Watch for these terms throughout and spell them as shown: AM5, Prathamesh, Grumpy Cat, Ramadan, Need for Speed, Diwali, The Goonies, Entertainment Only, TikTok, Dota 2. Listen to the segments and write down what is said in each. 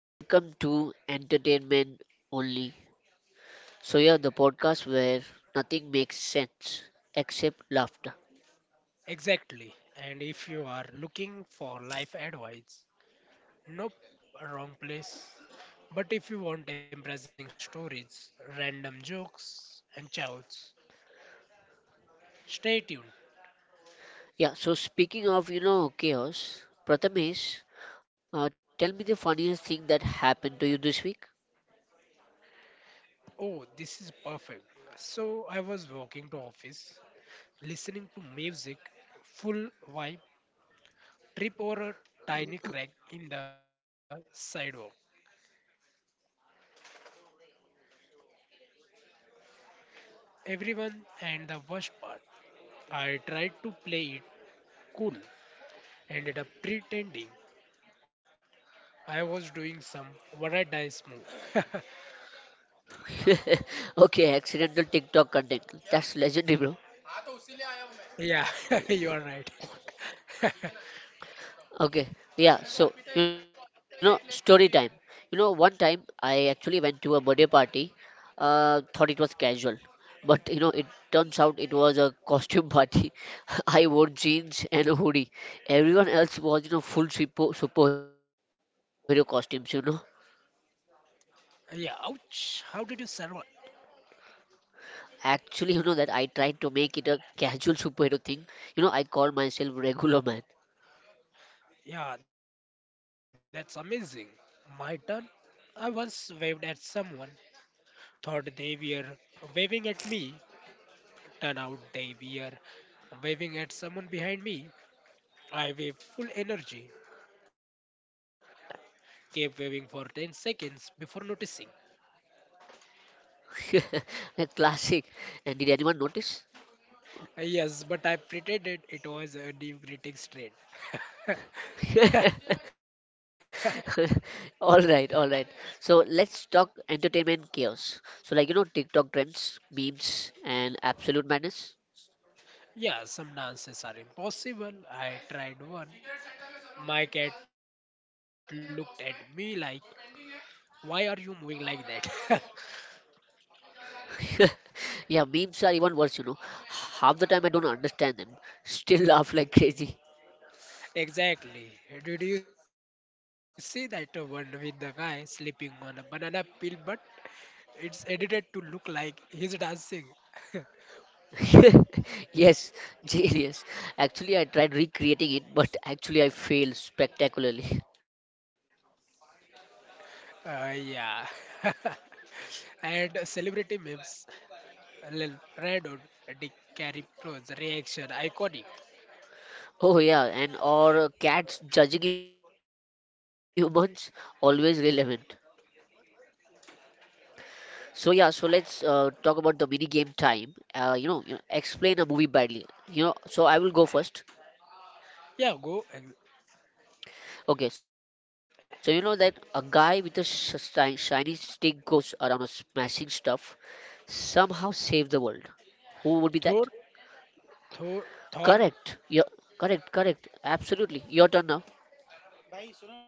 welcome to Entertainment Only. The podcast where nothing makes sense except laughter. Exactly. And if you are looking for life advice, nope, wrong place. But if you want embarrassing stories, random jokes, and chouts, stay tuned. Yeah, so speaking of, chaos, Prathamesh, tell me the funniest thing that happened to you this week. Oh, this is perfect. So I was walking to office, listening to music, full vibe, trip over a tiny crack in the sidewalk. No way. So, did anyone see? Everyone and the worst part, I tried to play it cool, ended up pretending I was doing some what a dice move. Okay, accidental TikTok content. That's legendary, bro. Yeah, you are right. Okay, yeah, story time. One time I actually went to a birthday party, thought it was casual, but it turns out it was a costume party. I wore jeans and a hoodie. Everyone else was, full superhero costumes. Yeah, ouch. How did you survive? Actually, that I tried to make it a casual superhero thing. I called myself Regular Man. Yeah, that's amazing. My turn. I once waved at someone, thought they were waving at me. Turned out they were waving at someone behind me. I waved full energy, kept waving for 10 seconds before noticing. A classic. And did anyone notice? Yes, but I pretended it was a deep greeting straight. All right, all right, so let's talk entertainment chaos, so like TikTok trends, memes, and absolute madness. Yeah, some dances are impossible. I tried one. My cat looked at me like, why are you moving like that? Yeah, memes are even worse. Half the time I don't understand them, still laugh like crazy. Exactly. Did you see that one with the guy sleeping on a banana peel, but it's edited to look like he's dancing? Yes, genius. Actually, I tried recreating it, but actually I failed spectacularly. Yeah. And celebrity memes. Lil Randon, Dick Carey Pro's reaction iconic. Oh yeah, and or cats judging humans always relevant. So yeah, so let's talk about the mini game time. Explain a movie badly. So I will go first. Yeah, go. Okay, so you know that a guy with a shiny stick goes around a smashing stuff, somehow save the world. Thor, Who would be that? Thor, Thor. Correct. Yeah, correct, correct. Absolutely. Your turn now.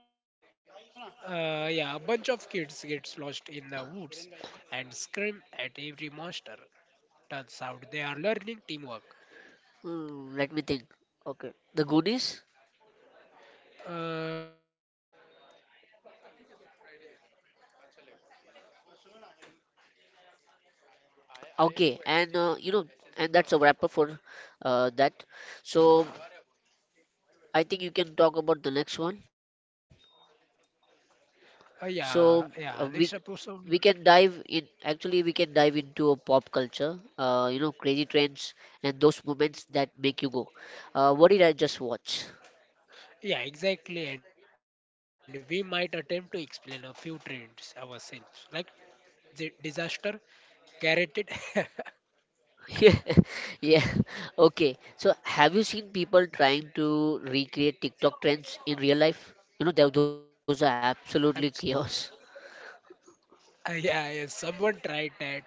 Yeah, a bunch of kids gets lost in the woods and scream at every monster. Turns out they are learning teamwork. Hmm, let me think. Okay, the Goonies. Uh, yeah, and Okay, and and that's a wrapper for that. So I think you can talk about the next one. Yeah, yeah. Next So episode. uh, we we can dive in. Actually, we can dive into a pop culture. Crazy trends and those moments that make you go. What did I just watch? Yeah, exactly. And we might attempt to explain a few trends ourselves, like disaster, carroted. Yeah, yeah. Okay. So, have you seen people trying to recreate TikTok trends in real life? Those are Abs- absolutely chaos. Yeah, yeah. Someone tried that.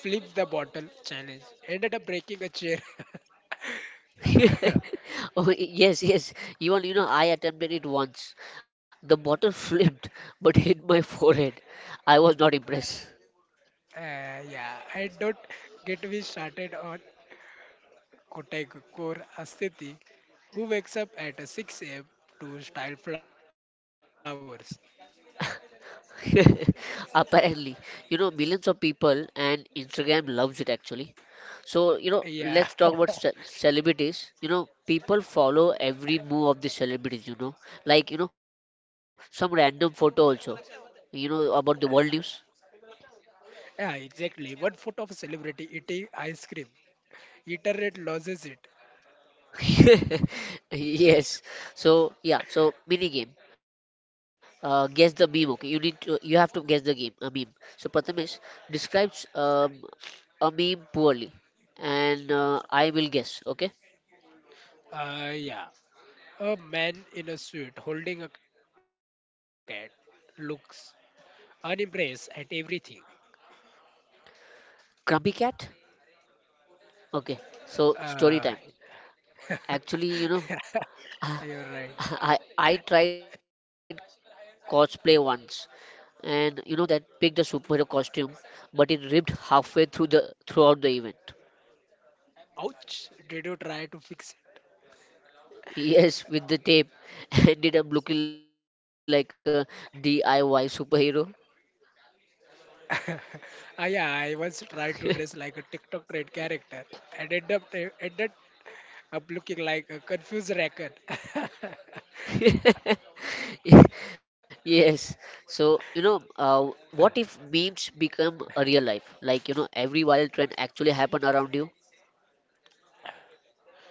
Flip the bottle challenge. Ended up breaking a chair. Oh, yes, yes. You want, you know, I attempted it once. The bottle flipped but hit my forehead. I was not impressed. Yeah, I don't get me started on Kotai Core Astheti, who wakes up at 6 a.m. to style flowers. Apparently, millions of people and Instagram loves it actually. So, Yeah, let's talk about celebrities. People follow every move of the celebrities, like, some random photo also, about the world news. yeah, exactly. One photo of a celebrity eating ice cream. Internet loses it. Yes. So yeah. So mini game. Guess the meme. Okay, you need to. You have to guess the game. A meme. So Pratham is describes a meme poorly, and I will guess. Okay. Yeah, a man in a suit holding a cat looks unimpressed at everything. Grumpy cat. Okay. So Uh, story time. Actually, you're right. I tried cosplay once, and you know that picked a superhero costume, but it ripped halfway through the throughout the event. Ouch! Did you try to fix? Yes, with the tape, ended up looking like a DIY superhero. Ah, yeah, I once tried to dress like a TikTok trend character and ended up looking like a confused racket. Yes. So, what if memes become a real life? Like, every viral trend actually happen around you.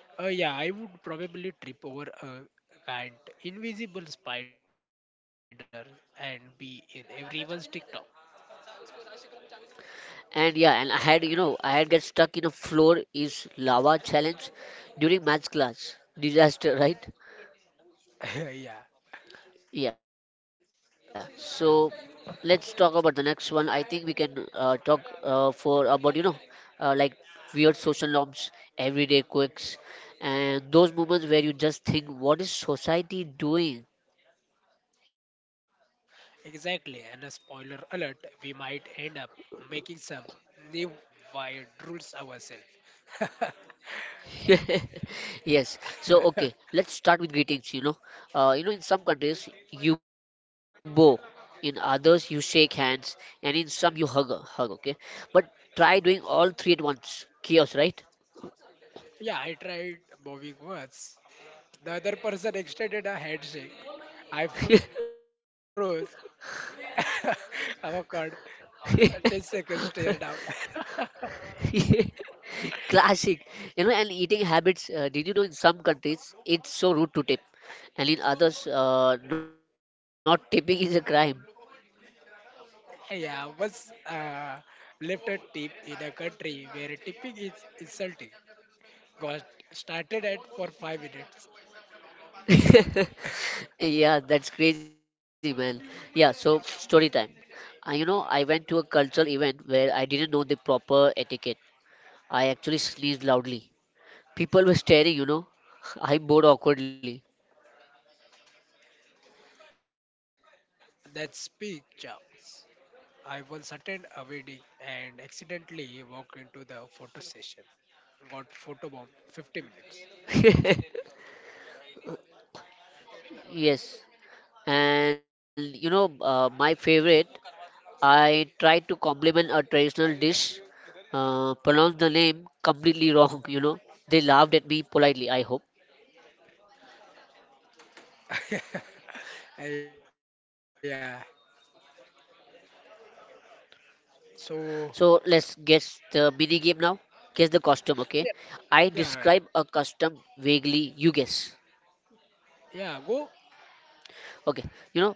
Oh yeah, I would probably trip over a giant invisible spider and be in everyone's TikTok. And yeah, and I had get stuck in a floor is lava challenge during maths class. Disaster, right? Yeah. Yeah, so let's talk about the next one. I think we can talk for about like weird social norms, everyday quirks, and those moments where you just think, what is society doing? Exactly, and a spoiler alert, we might end up making some new wild rules ourselves. Yes. So okay, let's start with greetings. In some countries you bow, in others you shake hands, and in some you hug. Okay, but try doing all three at once. Chaos, right? Yeah, I tried moving once. The other person extended a handshake. I froze. Oh god, 10 seconds stare down. Classic. You know, and eating habits. Did you know in some countries it's so rude to tip, and in others, not tipping is a crime. Yeah, once left a tip in a country where tipping is insulting. Got started at for 5 minutes. Yeah, that's crazy, man. Yeah, so story time. I went to a cultural event where I didn't know the proper etiquette. I actually sneezed loudly. People were staring, you know. I bowed awkwardly. That's big jobs. I once attended a wedding and accidentally walked into the photo session. Got photobombed 50 minutes. Yes. And my favorite, I tried to compliment a traditional dish, pronounced the name completely wrong, you know. They laughed at me politely, I hope. Yeah. So So let's guess the mini game now. Guess the costume, yeah, okay? I yeah, right. describe a custom vaguely, you guess. Yeah, go.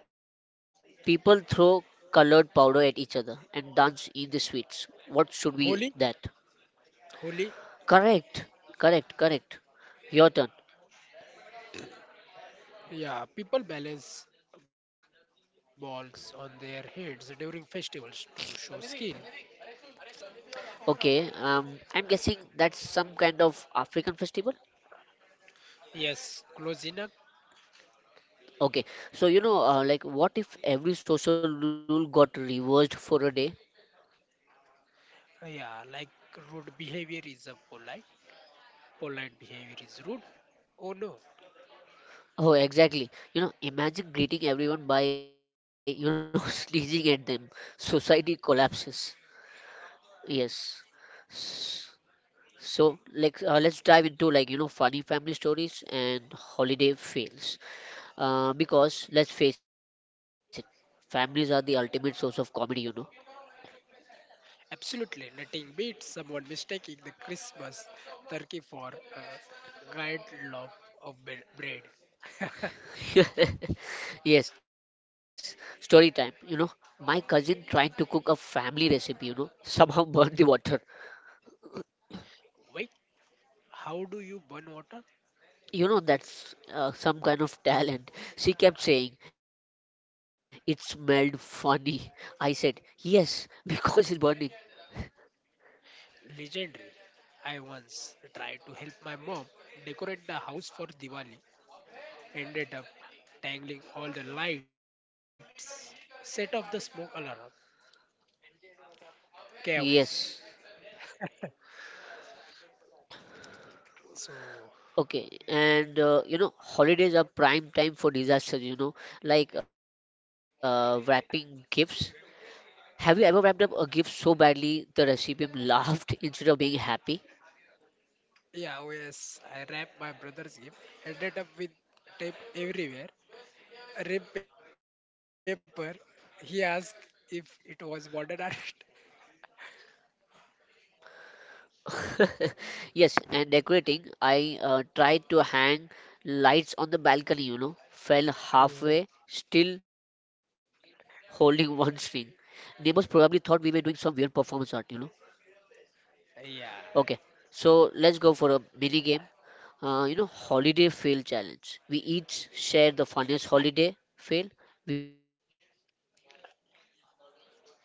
Okay, you know, people throw colored powder at each other and dance in the sweets. What should Holy, be that? holy. Correct, correct, correct. Your turn. Yeah, people balance balls on their heads during festivals to show skill. Okay, I'm guessing that's some kind of African festival. Yes, close enough. Okay, so like, what if every social rule got reversed for a day? Yeah, like rude behavior is a polite. Polite behavior is rude? Oh no. Oh, exactly. Imagine greeting everyone by, sneezing at them. Society collapses. Yes. Yes, S- So, like, let's dive into, like, funny family stories and holiday fails. Because let's face it, families are the ultimate source of comedy, you know. absolutely. Nothing beats someone mistaking the Christmas turkey for a giant loaf of bread. Yes, story time. My cousin tried to cook a family recipe, somehow burned the water. Wait, how do you burn water? That's some kind of talent. She kept saying, it smelled funny. I said, yes, because it's burning. Legendary. I once tried to help my mom decorate the house for Diwali, ended up tangling all the lights, set off the smoke alarm, Yes. chaos. Okay, So. and holidays are prime time for disasters, you know, like wrapping gifts. Have you ever wrapped up a gift so badly the recipient laughed instead of being happy? Yeah, oh yes, I wrapped my brother's gift, ended up with tape everywhere. Rip paper, he asked if it was modern art. Yes, and decorating, I tried to hang lights on the balcony, fell halfway, still I, uh, holding one string. Neighbors probably thought we were doing some weird performance art, you know. Okay, yeah, so let's go for a mini game. Holiday fail challenge. We each share the funniest holiday fail we have experienced. Audience votes imaginary points.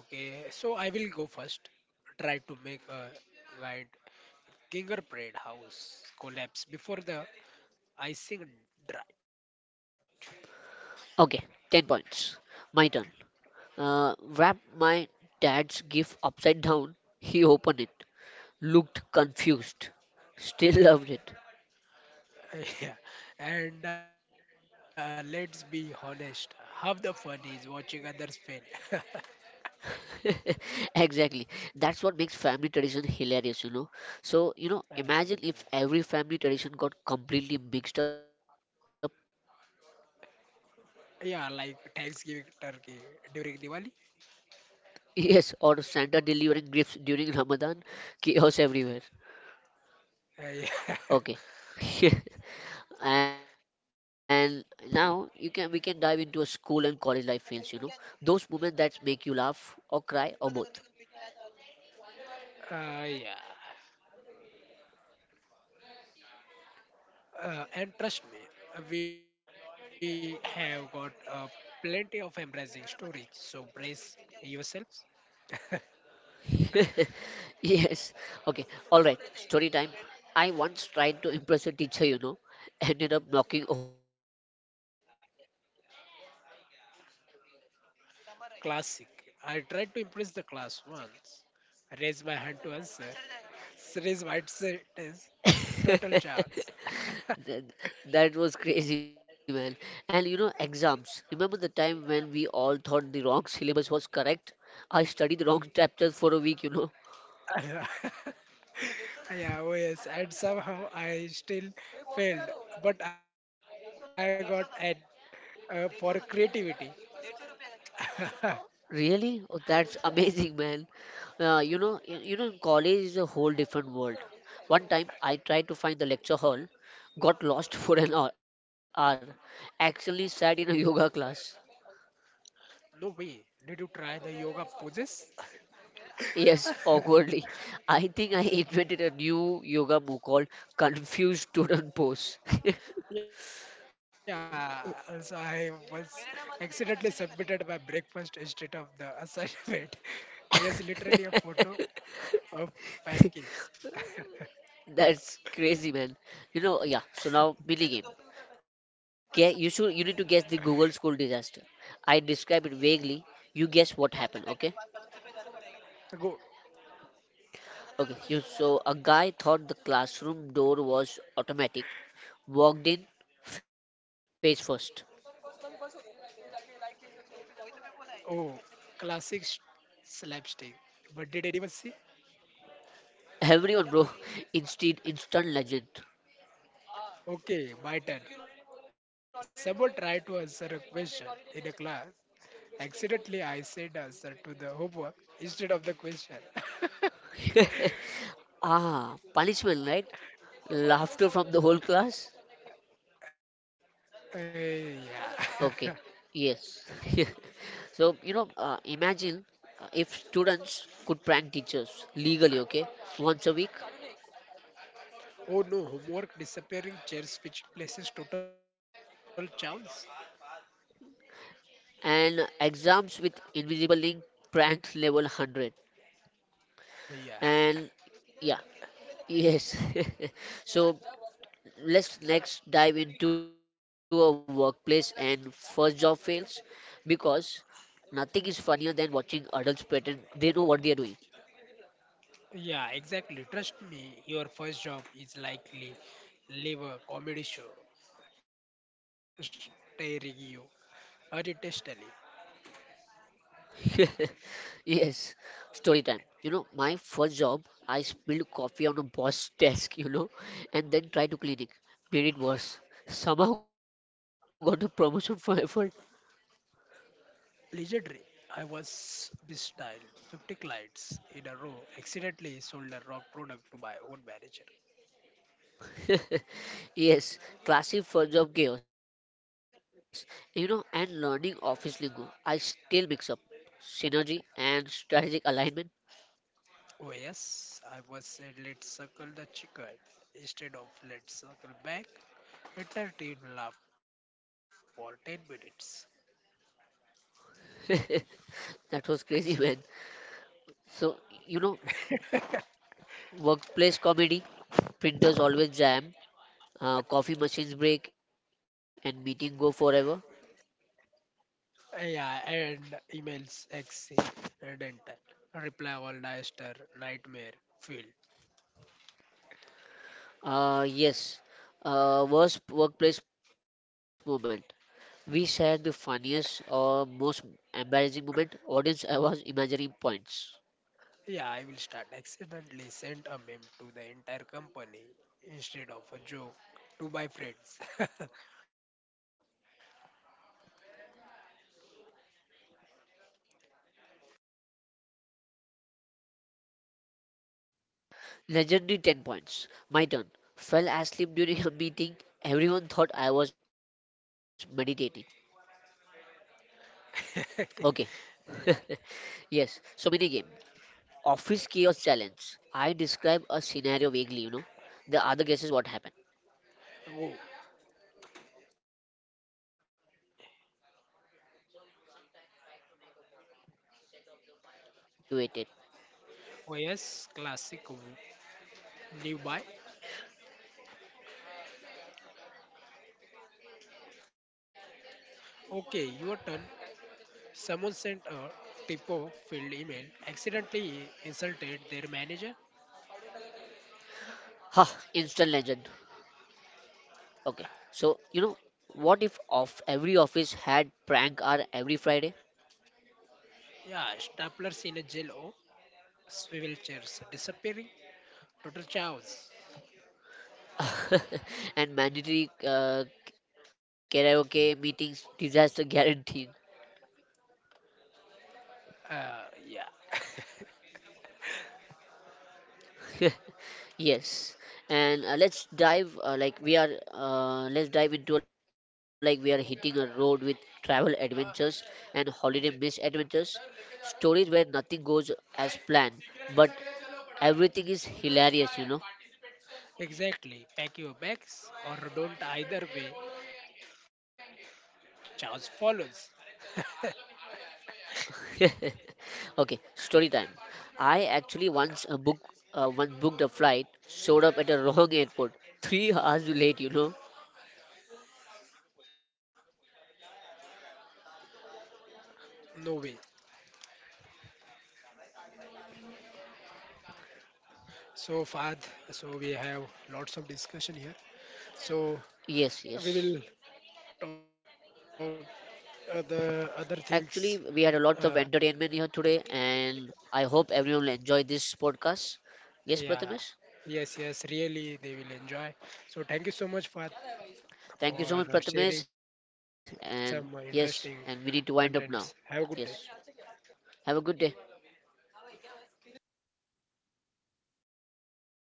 okay, so I will go first. Try to make a giant gingerbread house collapse before the icing dry. Okay, 10 points. My turn. Wrap my dad's gift upside down. He opened it, looked confused, still loved it. Yeah, and let's be honest, half the fun is watching others fail. Exactly. That's what makes family tradition hilarious, you know. So, imagine if every Uh, family tradition got completely mixed up. Yeah, like Thanksgiving turkey during Diwali. Yes, or Santa delivering gifts during Ramadan, chaos everywhere. Okay. Yeah. And now you can we can dive into a school and college life fails, you know. Those moments that make you laugh or cry or both. Yeah. And trust me, we have got plenty of embarrassing stories. So brace yourselves. Yes. Okay. All right. Story time. I once tried to impress a teacher, ended up knocking over a chair and spilling my books everywhere, you know. Classic. I tried to impress the class once. Raise my hand to answer. Raise my test. Total chance. That, that was crazy, man. And you know, exams. Remember the time when we all thought the wrong syllabus was correct? I studied the wrong chapter for a week, you know. Yeah, oh yes, and somehow I still failed, but I got an for creativity. Really? Oh, that's amazing, man. You know, college is a whole different world. One time, I tried to find the lecture hall, got lost for an hour. Actually, sat in a yoga class. No way. Did you try the yoga poses? Yes, awkwardly. I think I invented a new yoga move called Confused Student Pose. Yeah, also I was accidentally submitted my breakfast instead of the assignment. Yes, literally a photo of pancakes. That's crazy, man. You know, yeah. So now, mini game. Okay, you need to guess the Google School disaster. I describe it vaguely. You guess what happened, okay? Go. Okay. You, so a guy thought the classroom door was automatic. Walked in face first. Oh, classic slapstick. But did anyone see? Everyone, bro. Instant legend. Okay, my turn. Someone tried to answer a question in a class. Accidentally, I said the answer to the homework instead of the question. Ah, punishment, right? Laughter from the whole class? Eh, Okay, yeah. yes. So, imagine if students could prank teachers legally, okay, once a week, Oh no, homework disappearing chairs which places total chance. and exams with invisible link pranks level 100. Yeah. And yeah, yes. So, let's next dive into a workplace and first job fails because nothing is funnier than watching adults pretend they know what they are doing. Yeah, exactly. Trust me, your first job is likely live a comedy show staring you unintentionally. Yes, story time. My first job, I spilled coffee on a boss desk, and then tried to clean it. Made it worse. Somehow got a promotion for effort. Legendary. I was bestyled 50 clients in a row, accidentally sold the wrong product to my own manager. Yes, classic first job chaos. You know, and learning office lingo. I still mix up synergy and strategic alignment. Oh, yes, I was said let's circle the chicken instead of let's circle back. Entire team laughed for 10 minutes. That was crazy, man. So, you know, workplace comedy, printers always jam, coffee machines break, and meeting go forever. Yeah, and emails, XC, and enter. Reply all disaster, nightmare, feel. Yes, worst workplace moment. We shared the funniest or most embarrassing moment. Audience awards imaginary points. Yeah, I will start. Accidentally sent a meme to the entire company instead of a joke to my friends. Legendary 10 points. My turn. Fell asleep during a meeting. Everyone thought I was meditating. Okay. Yeah. Yes. So minigame. Office chaos challenge. I describe a scenario vaguely, you know. The other guesses what happened. Oh, So, sometime tried to make a coffee, set off the fire alarm. Everyone evacuated. oh yes, classic new buy. Okay, your turn. Someone sent a typo filled email, accidentally insulted their manager. Ha, instant legend. Okay. So, what if of every office had prank hour every Friday? Yeah, staplers in a jail. Oh, swivel chairs disappearing. Total chaos. And mandatory karaoke meetings disaster guaranteed. Yeah. Yes, and let's dive into like we are hitting a road with travel adventures and holiday misadventures, stories where nothing goes as planned, but everything is hilarious, you know. Exactly. Pack your bags or don't either way. Chaos follows. Okay, story time. I actually once booked once booked a flight, showed up at a wrong airport 3 hours late, you know. No way. So Fahad, so we have lots of discussion here. So yes we yes will talk the other things. Actually, we had a Uh, lot of entertainment here today, and I hope everyone will enjoy this podcast. Yes, yeah, Prathamesh? yes, yes, really, they will enjoy. So, thank you so much, Fat, for Thank you so much, sharing Prathamesh. some And interesting yes, and we need to contents. wind up Have a now. good day. Yes. Yeah. Have a good day.